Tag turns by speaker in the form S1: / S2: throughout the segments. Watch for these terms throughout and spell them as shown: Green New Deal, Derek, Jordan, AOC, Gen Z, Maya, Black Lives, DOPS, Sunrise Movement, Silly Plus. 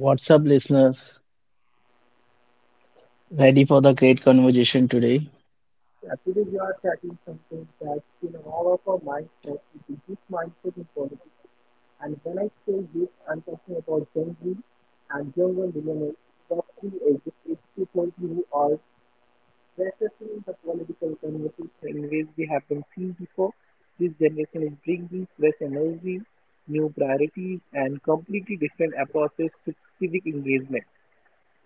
S1: What's up, listeners? Ready for the great conversation today?
S2: Yeah, today we are tackling something that in all of our minds lately, the youth mindset in politics. And when I say youth, I'm talking about Gen Z and younger millennials, roughly ages 8 to 20, who are reflecting the political conversation in ways we haven't seen before. This generation is bringing fresh energy, new priorities, and completely different approaches to civic engagement.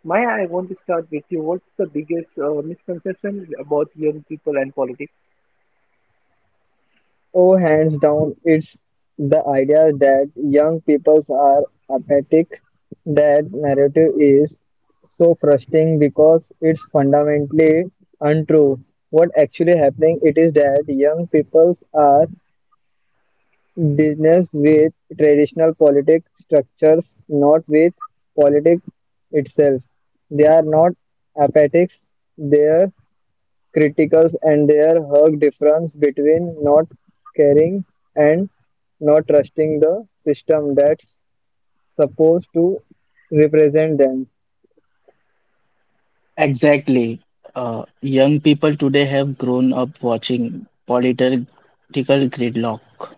S2: Maya, I want to start with you. What's the biggest misconception about young people and politics?
S3: Oh, hands down, it's the idea that young peoples are apathetic. That narrative is so frustrating because it's fundamentally untrue. What actually happening it is that young peoples are business with traditional politic structures, not with politics itself. They are not apathics. Their Criticals and their hug difference between not caring and not trusting the system that's supposed to represent them.
S1: Exactly. Young people today have grown up watching political gridlock,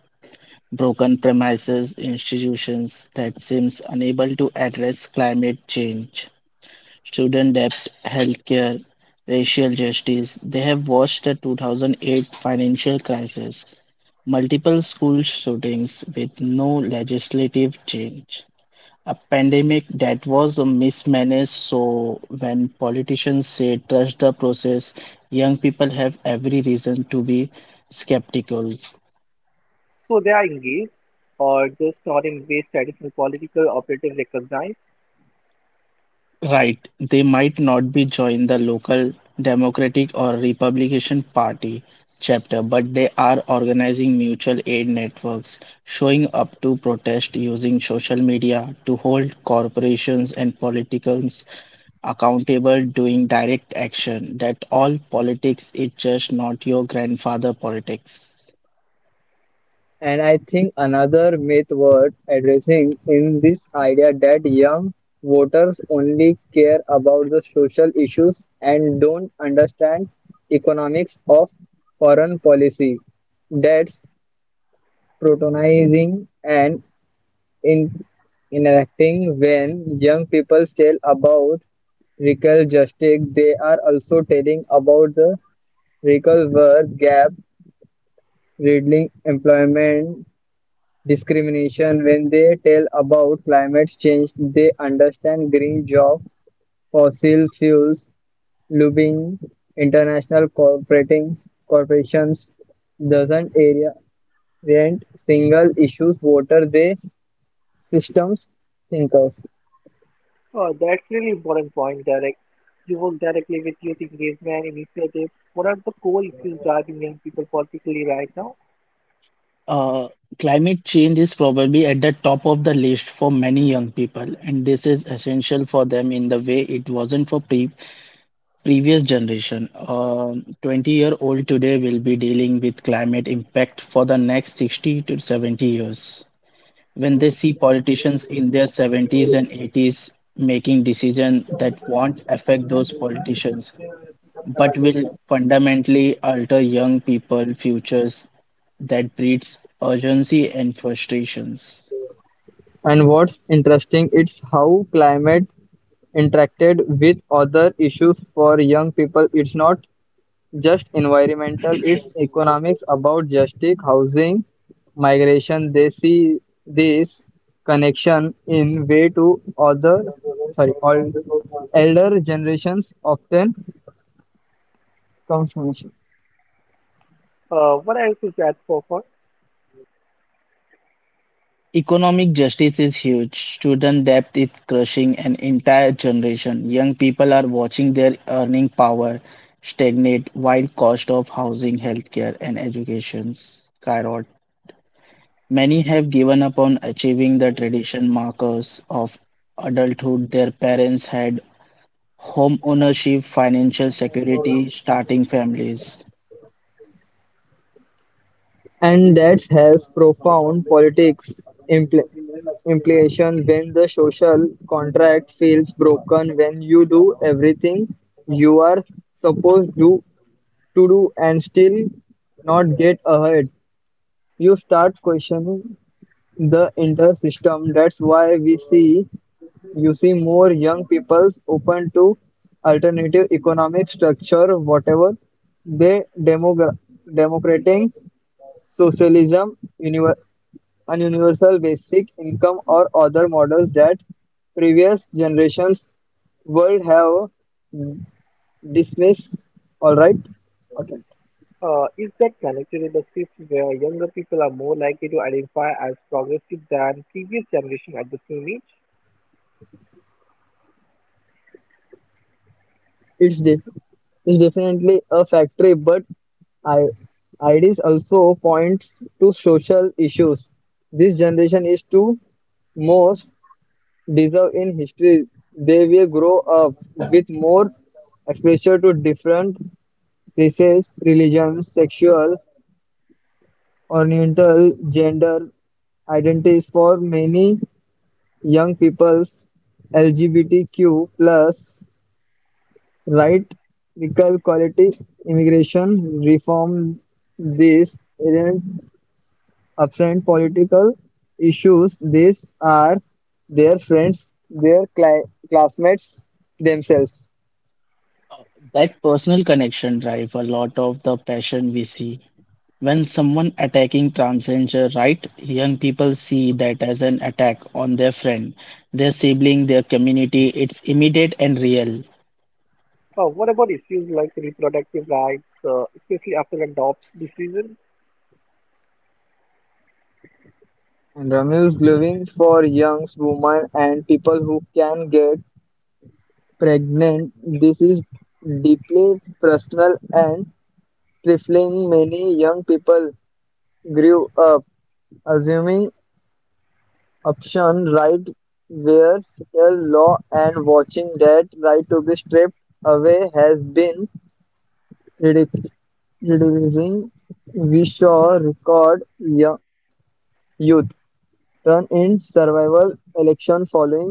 S1: broken premises, institutions that seems unable to address climate change, student debt, healthcare, racial justice. They have watched the 2008 financial crisis, multiple school shootings with no legislative change, a pandemic that was mismanaged. So when politicians say trust the process, young people have every reason to be skeptical.
S2: So they are engaged or just not in ways traditional political operatives recognize.
S1: Right, they might not be join the local Democratic or Republican Party chapter, but they are organizing mutual aid networks, showing up to protest using social media to hold corporations and politicians accountable doing direct action. That all politics its just not your grandfather politics.
S3: And I think another myth worth addressing in this idea that young voters only care about the social issues and don't understand economics of foreign policy. That's protonizing and in enacting when young people tell about racial justice they are also telling about the racial worth gap reducing employment discrimination when they tell about climate change they understand green job, fossil fuels, lobbying, international corporating corporations doesn't area rent single issues voter they systems thinkers.
S2: That's really important point, Derek. You work directly with youth engagement initiatives. What are the core issues driving young people politically right now?
S1: uh, Climate change is probably at the top of the list for many young people and this is essential for them in the way it wasn't for previous generation. 20-year-old today will be dealing with climate impact for the next 60 to 70 years. When they see politicians in their 70s and 80s making decisions that won't affect those politicians but will fundamentally alter young people futures, that breeds urgency and frustrations.
S3: And what's interesting is how climate interacted with other issues for young people. It's not just environmental, it's economics about justice, housing, migration. They see this connection in way to other, sorry, all elder generations often confuse.
S2: What else is that for?
S1: Economic justice is huge. Student debt is crushing an entire generation. Young people are watching their earning power stagnate while cost of housing, healthcare, and education skyrocket. Many have given up on achieving the tradition markers of adulthood their parents had: home ownership, financial security, starting families.
S3: And that has profound politics impl- implication when the social contract feels broken, when you do everything you are supposed to do and still not get ahead. You start questioning the entire system. That's why we see you see more young people's open to alternative economic structure, whatever they democratic socialism univer- on universal basic income or other models that previous generations would have dismissed. All right, all right.
S2: Is that connected with the shift where younger people are more likely to identify as progressive than previous generation at the same age?
S3: It's def it's definitely a factory, but I IDs also points to social issues. This generation is to most deserve in history. They will grow up with more exposure to different races, religions, sexual Oriental gender identities. For many young people's LGBTQ plus right, equal quality, immigration reform, these aren't absent political issues, these are their friends, their classmates, themselves.
S1: That personal connection drive a lot of the passion we see. When someone attacking transgender right, young people see that as an attack on their friend, their sibling, their community. It's immediate and real.
S2: What about issues like reproductive rights, especially after a DOPS decision?
S3: And Ramil's living for young women and people who can get pregnant. This is deeply personal and trifling. Many young people grew up assuming option right were real law, and watching that right to be stripped away has been ridic- reducing. We saw record youth turn in survival election following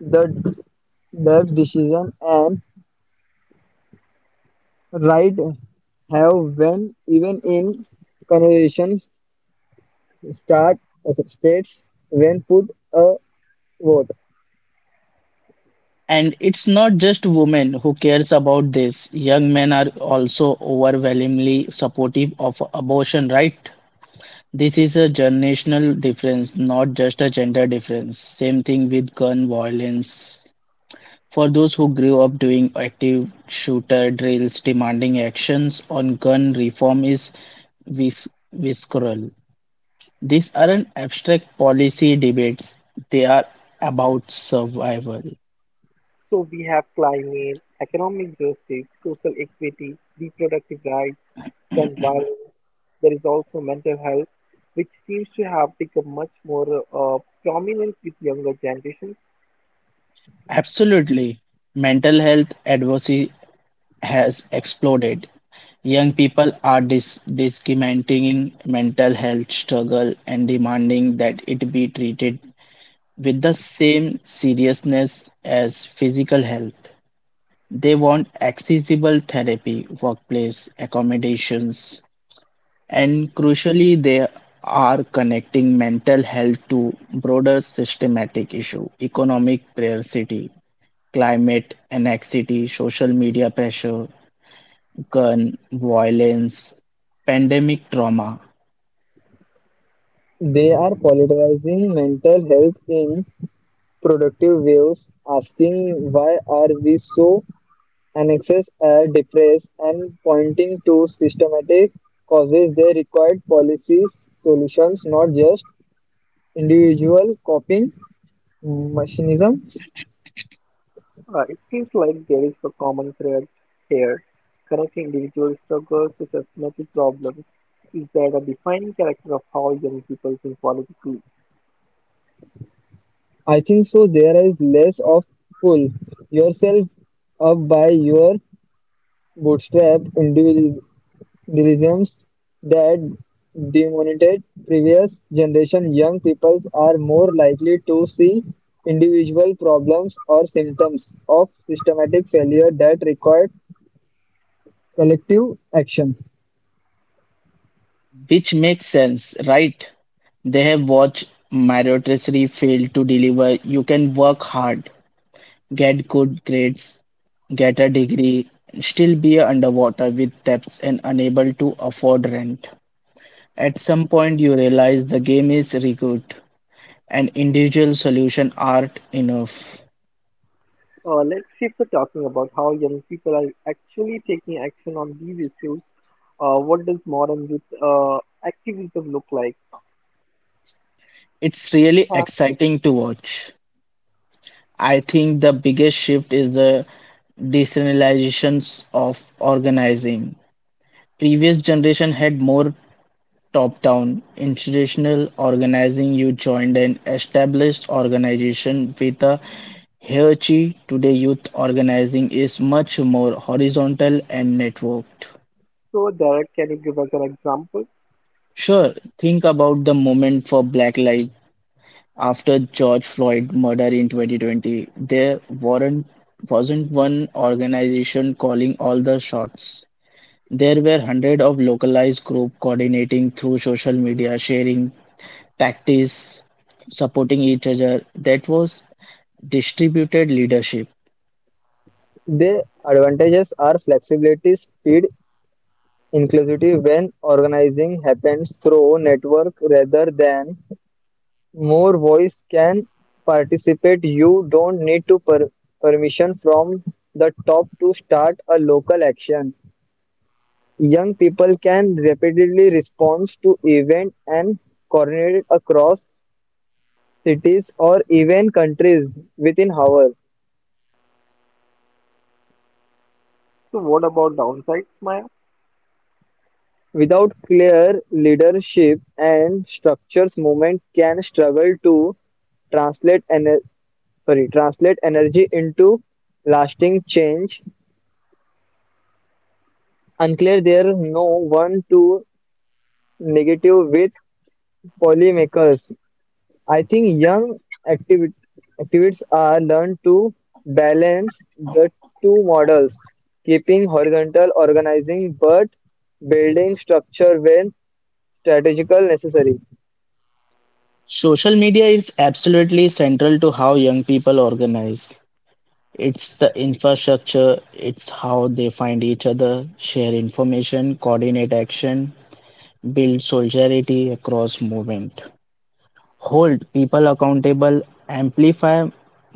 S3: the death decision and. Right have when even in conversation start states when put a vote.
S1: And it's not just women who cares about this. Young men are also overwhelmingly supportive of abortion right. This is a generational difference, not just a gender difference. Same thing with gun violence. For those who grew up doing active shooter drills, demanding actions on gun reform is visceral. These aren't abstract policy debates, they are about survival.
S2: So we have climate, economic justice, social equity, reproductive rights, gun violence. There is also mental health, which seems to have become much more uh, prominent with younger generations.
S1: Absolutely. Mental health advocacy has exploded. Young people are discriminating mental health struggle and demanding that it be treated with the same seriousness as physical health. They want accessible therapy, workplace accommodations, and crucially, they are connecting mental health to broader systematic issue, economic scarcity, climate anxiety, social media pressure, gun violence, pandemic trauma.
S3: They are politicizing mental health in productive ways, asking why are we so anxious or depressed and pointing to systematic causes. They required policies solutions, not just individual coping mechanisms.
S2: It seems like there is a common thread here, connecting individual struggles to systematic problems. Is that a defining character of how young people think politically?
S3: I think so. There is less of pull yourself up by your bootstrap individualisms that demonized previous generation. Young peoples are more likely to see individual problems or symptoms of systematic failure that require collective action.
S1: Which makes sense, right? They have watched meritocracy fail to deliver. You can work hard, get good grades, get a degree, still be underwater with debts and unable to afford rent. At some point, you realize the game is rigged and individual solution aren't enough.
S2: Let's shift to talking about how young people are actually taking action on these issues. What does modern youth activism look like?
S1: It's really
S2: Perhaps.
S1: exciting to watch. I think the biggest shift is the decentralizations of organizing. Previous generation had more top-down institutional organizing. You joined an established organization with a hierarchy. Today, youth organizing is much more horizontal and networked.
S2: So, Derek, can you give us an example?
S1: Sure, think about the moment for Black Lives. After George Floyd murder in 2020, there weren't, wasn't one organization calling all the shots. There were hundreds of localized groups coordinating through social media, sharing tactics, supporting each other. That was distributed leadership.
S3: The advantages are flexibility, speed, inclusivity. When organizing happens through network rather than, more voice can participate. You don't need to permission from the top to start a local action. Young people can rapidly respond to events and coordinate across cities or even countries within hours.
S2: So, what about downsides, Maya?
S3: Without clear leadership and structures, movement can struggle to translate ener sorry, translate energy into lasting change. Unclear there no one to negative with polymakers. I think young activi- activists are learned to balance the two models, keeping horizontal organizing but building structure when strategical necessary.
S1: Social media is absolutely central to how young people organize. It's the infrastructure, it's how they find each other, share information, coordinate action, build solidarity across movement, hold people accountable, amplify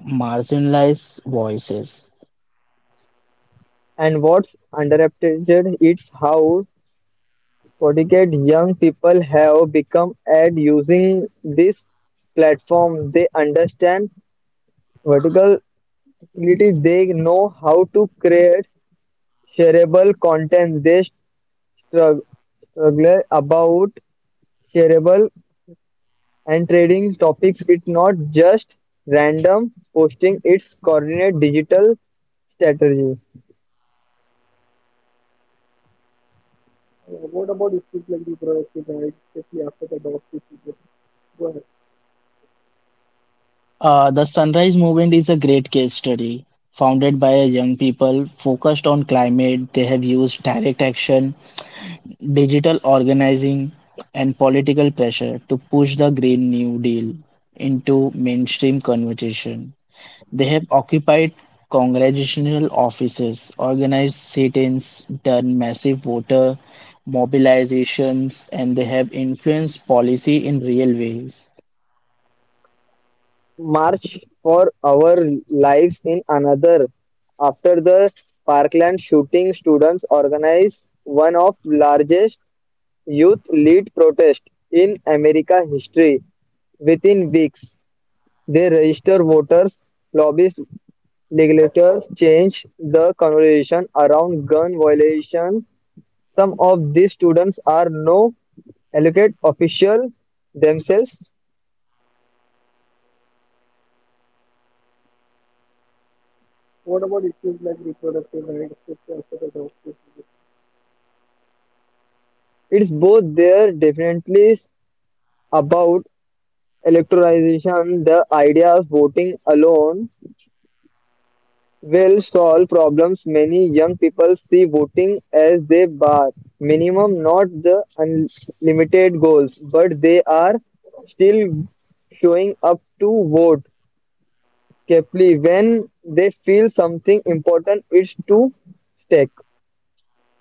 S1: marginalized voices.
S3: And what's underappreciated is how sophisticated young people have become at using this platform. They understand vertical. It is they know how to create shareable content. They struggle, struggle about shareable and trading topics. It's not just random posting, it's coordinate digital strategy.
S2: Yeah, what about issues like reproductive rights, especially after the dog procedure? Go ahead.
S1: The Sunrise Movement is a great case study. Founded by a young people focused on climate, they have used direct action, digital organizing, and political pressure to push the Green New Deal into mainstream conversation. They have occupied congressional offices, organized sit-ins, done massive voter mobilizations, and they have influenced policy in real ways.
S3: March for our lives in another. After the Parkland shooting, students organized one of largest youth lead protest in America history within weeks. They register voters, lobbyist legislators, change the conversation around gun violation. Some of these students are no elected official themselves.
S2: What about issues like reproductive rights, especially after the dog procedure?
S3: It's both. There definitely about electoralization, the idea of voting alone will solve problems. Many young people see voting as their bar minimum, not the unlimited goals, but they are still showing up to vote carefully when they feel something important is to stake.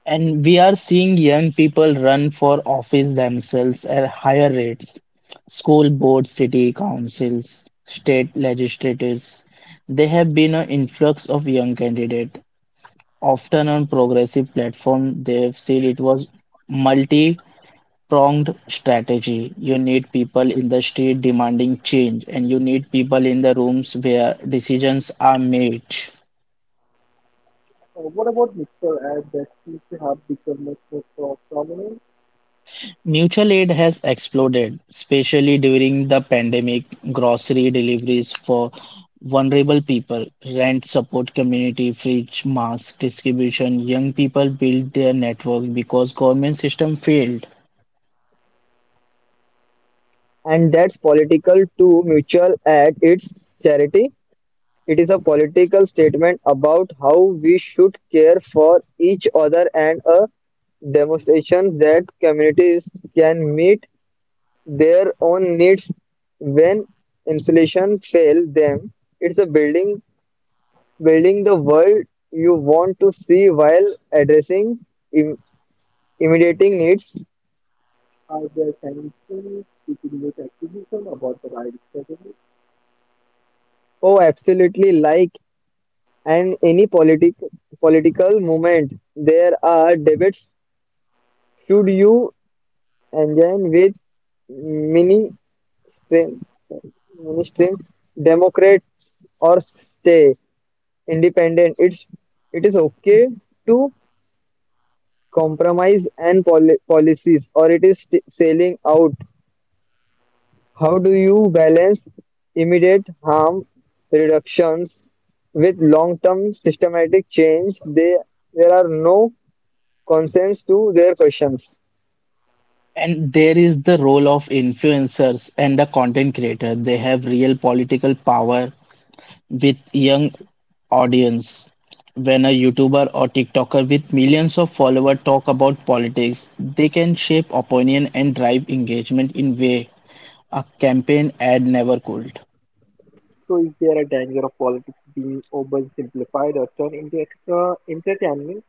S1: And we are seeing young people run for office themselves at higher rates. School boards, city councils, state legislatures, they have been an influx of young candidate. Often on progressive platform, they have said it was multi pronged strategy. You need people in the street demanding change, and you need people in the rooms where decisions are made.
S2: What about mixture ads that seems to have become much more prominent?
S1: Mutual aid has exploded, especially during the pandemic. Grocery deliveries for vulnerable people, rent support community, fridge, mask distribution. Young people build their network because government system failed.
S3: And that's political to mutual aid, it's charity. It is a political statement about how we should care for each other and a demonstration that communities can meet their own needs when insulation fail them. It's a building the world you want to see while addressing im- immediate needs.
S2: Are there tensions between youth activism about the rights?
S3: Oh, absolutely. Like and any political movement, there are debates. Should you and join with mini stream, mini stream, Democrat or stay independent. It is okay to compromise and policies, or it is st- selling out. How do you balance immediate harm reductions with long-term systematic change? There are no consents to their questions.
S1: And there is the role of influencers and the content creator. They have real political power with young audience. When a YouTuber or TikToker with millions of followers talk about politics, they can shape opinion and drive engagement in way a campaign ad never could.
S2: So is there a danger of politics being oversimplified or turned into extra entertainment?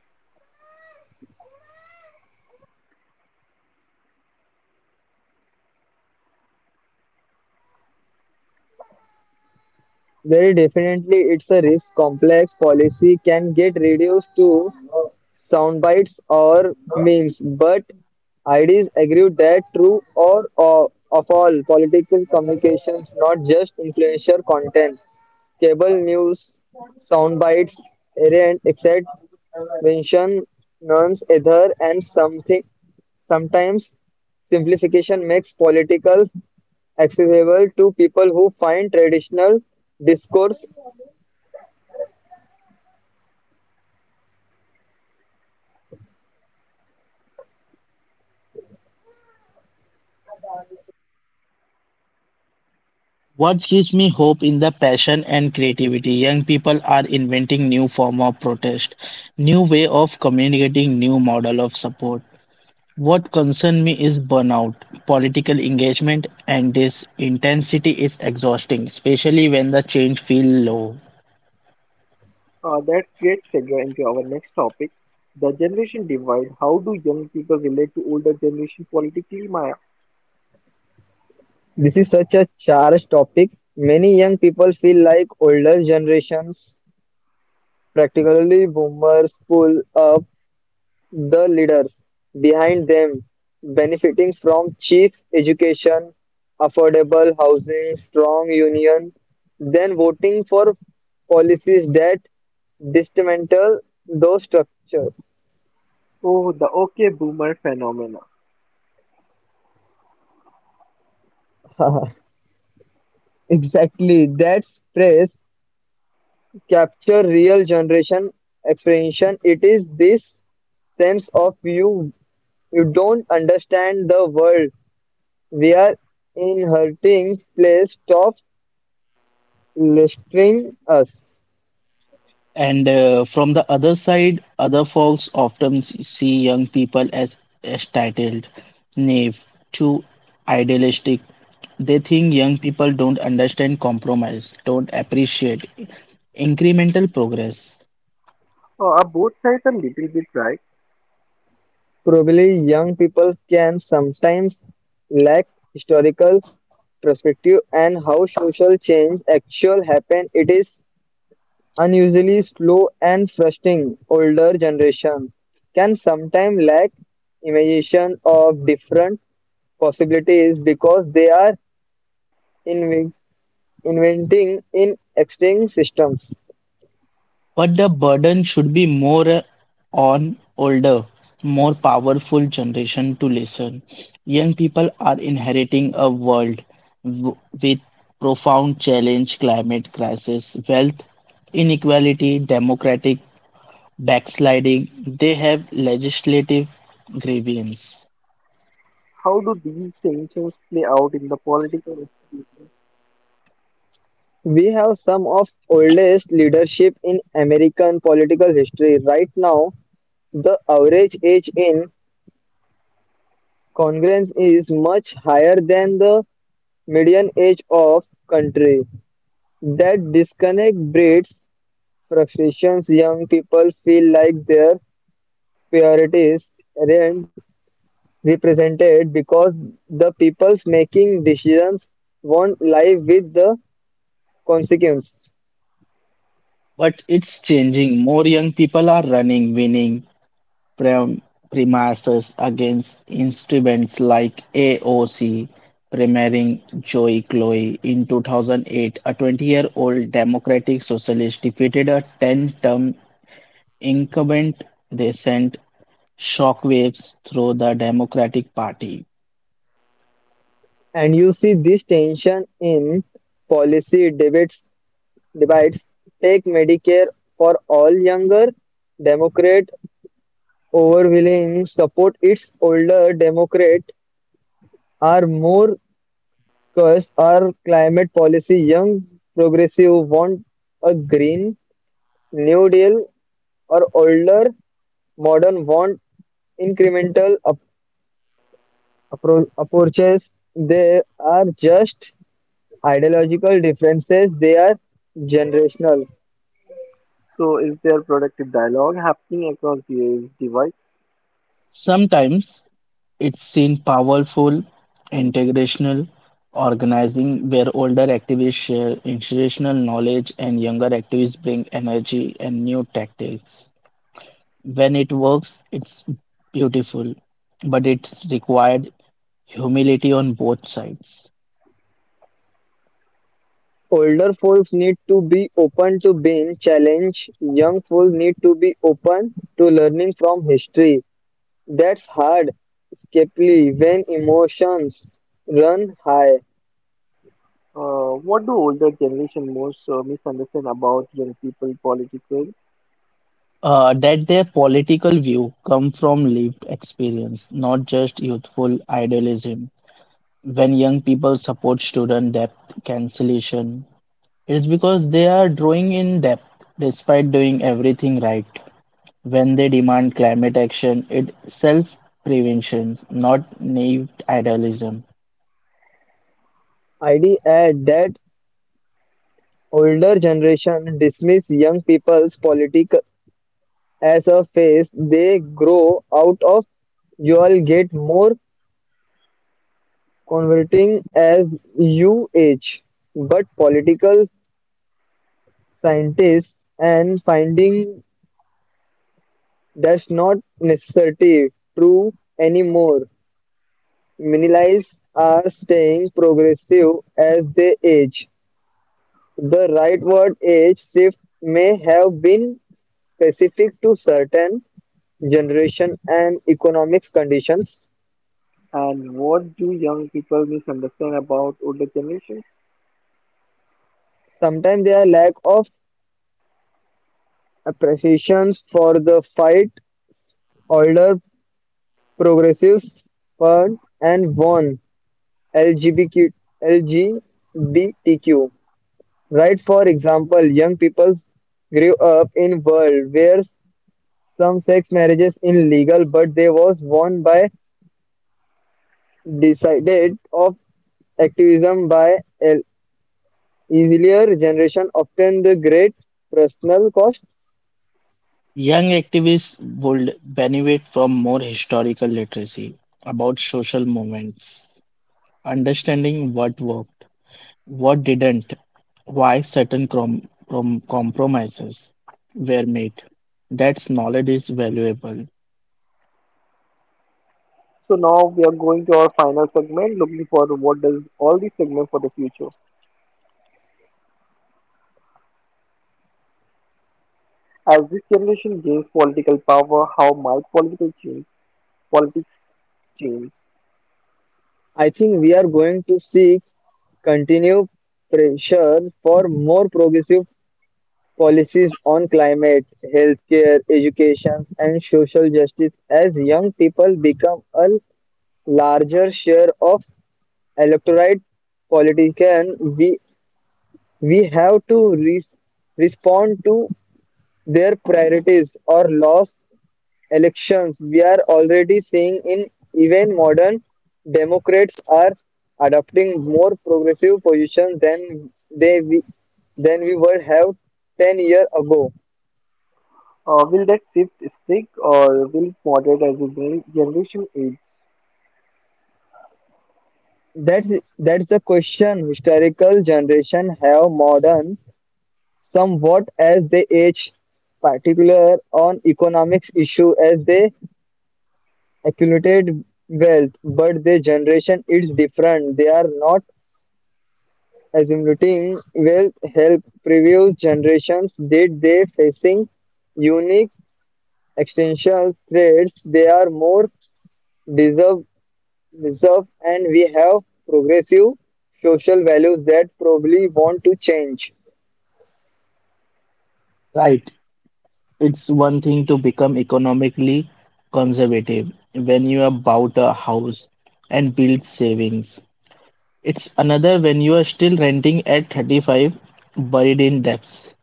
S3: Very definitely, it's a risk. Complex policy can get reduced to sound bites or memes, but IDs agree that true or of all political communications, not just influencer content, cable news, sound bites, errant, except mention, nuns, ether, and something. Sometimes simplification makes political accessible to people who find traditional discourse.
S1: What gives me hope in the passion and creativity? Young people are inventing new form of protest, new way of communicating, new model of support. What concerns me is burnout, political engagement, and this intensity is exhausting, especially when the change feel low.
S2: That great segue into our next topic, the generation divide. How do young people relate to older generation politically, Maya?
S3: This is such a charged topic. Many young people feel like older generations, practically boomers, pull up the leaders behind them, benefiting from cheap education, affordable housing, strong union, then voting for policies that dismantle those structures.
S2: Oh, the okay boomer phenomena.
S3: Exactly, that's praise capture real generation apprehension. It is this sense of you don't understand the world we are inheriting place stops listering us.
S1: And from the other side, other folks often see young people as entitled, naive, too idealistic. They think young people don't understand compromise, don't appreciate incremental progress.
S2: Are both sides a little bit right?
S3: Probably young people can sometimes lack historical perspective and how social change actual happen. It is unusually slow and frustrating. Older generation can sometimes lack imagination of different possibilities because they are inven- inventing in existing systems.
S1: But the burden should be more on older, more powerful generation to listen. Young people are inheriting a world w- with profound challenge, climate crisis, wealth inequality, democratic backsliding. They have legislative grievance.
S2: How do these tensions play out in the political institute?
S3: We have some of oldest leadership in American political history. Right now, the average age in Congress is much higher than the median age of country. That disconnect breeds frustrations. Young people feel like their priorities aren't represented because the people's making decisions won't live with the consequence.
S1: But it's changing. More young people are running, winning, prem- premises against instruments like AOC, premiering Joey Chloe. In 2008, a 20-year-old Democratic Socialist defeated a 10-term incumbent. They sent shockwaves through the Democratic Party.
S3: And you see this tension in policy debates debates. Take Medicare for all. Younger Democrat overwhelming support, its older Democrat are more cursed. Our climate policy, young progressive want a green New Deal, or older modern want incremental approaches. They are just ideological differences. They are generational.
S2: So is there productive dialogue happening across these divides?
S1: Sometimes it's seen powerful, integrational organizing where older activists share institutional knowledge and younger activists bring energy and new tactics. When it works, it's beautiful, but it's required humility on both sides.
S3: Older folks need to be open to being challenged. Young folks need to be open to learning from history. That's hard, escapely when emotions run high.
S2: What do older generation most misunderstand about young people politically?
S1: That their political view come from lived experience, not just youthful idealism. When young people support student debt cancellation, it's because they are drawing in debt despite doing everything right. When they demand climate action, it's self prevention, not naive idealism.
S3: ID add that older generation dismiss young people's politic as a phase they grow out of. You'll get more converting as you age, but political scientists and finding that's not necessarily true anymore. Millennials are staying progressive as they age. The rightward age shift may have been specific to certain generation and economics conditions.
S2: And what do young people misunderstand about older generations?
S3: Sometimes their lack of appreciations for the fight, older progressives, fund and won LGBTQ, LGBTQ. Right, for example, young people grew up in world where some sex marriages illegal, but they was won by decided of activism by an earlier generation, often the great personal cost.
S1: Young activists would benefit from more historical literacy about social movements, understanding what worked, what didn't, why certain compromises were made. That knowledge is valuable.
S2: So now we are going to our final segment, looking for what does all these segment for the future. As this generation gains political power, how might political change politics change?
S3: I think we are going to see continue pressure for more progressive policies on climate, healthcare, education, and social justice. As young people become a larger share of electorate, politician we have to res respond to their priorities or lost elections. We are already seeing in even modern democrats are adopting more progressive positions than they we, than we would have 10 years ago.
S2: Will that shift stick or will it moderate as the generation age?
S3: That's that's the question. Historical generation have modern somewhat as they age, particular on economics issue as they accumulate wealth, but their generation is different. They are not accumulating wealth help previous generations did. They facing unique existential threats. They are more deserve. Reserve and we have progressive social values that probably want to change.
S1: Right. It's one thing to become economically conservative when you have bought a house and built savings. It's another when you are still renting at 35, buried in debts.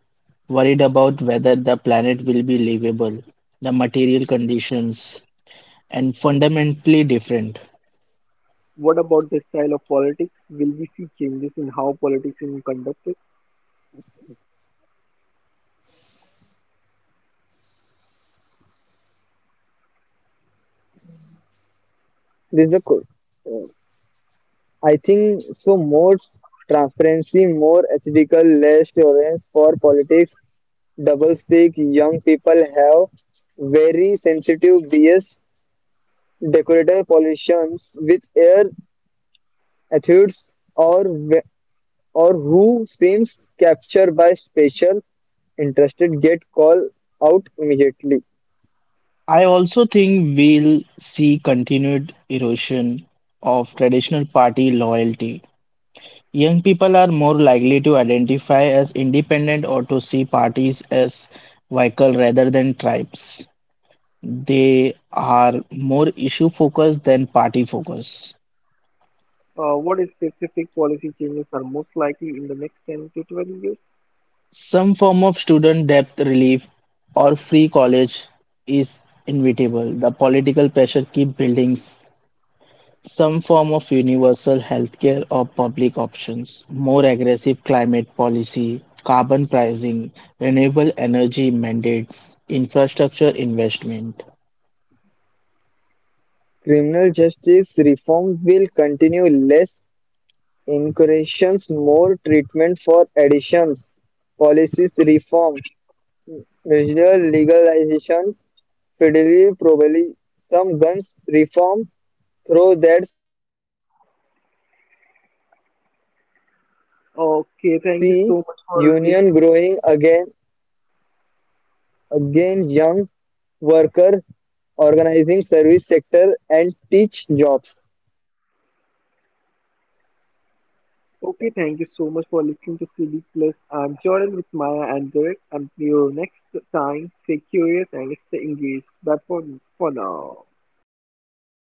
S1: Worried about whether the planet will be livable, the material conditions, and fundamentally different.
S2: What about the style of politics? Will we see changes in how politics is conducted?
S3: This is the code. I think so, more transparency, more ethical, less tolerance for politics, double speak. Young people have very sensitive BS decorator. Politicians with air attitudes or or who seems captured by special interested get called out immediately.
S1: I also think we'll see continued erosion of traditional party loyalty. Young people are more likely to identify as independent or to see parties as vehicles rather than tribes. They are more issue focused than party focused.
S2: What specific policy changes are most likely in the next 10 to 12 years?
S1: Some form of student debt relief or free college is inevitable. The political pressure keep building some form of universal healthcare or public options, more aggressive climate policy, carbon pricing, renewable energy mandates, infrastructure investment.
S3: Criminal justice reform will continue, less incarcerations, more treatment for addictions, policies reform, regional legalization, federal probably some guns reform through that space. Animals abstinence. I think we will
S2: Okay,
S3: see
S2: thank you so much
S3: union
S2: for listening.
S3: growing again, again young worker organizing service sector and teach jobs.
S2: Okay, thank you so much for listening to Silly Plus. I'm Jordan with Maya and Derek. Until next time, stay curious and stay engaged. But for now.
S1: Thank you so much.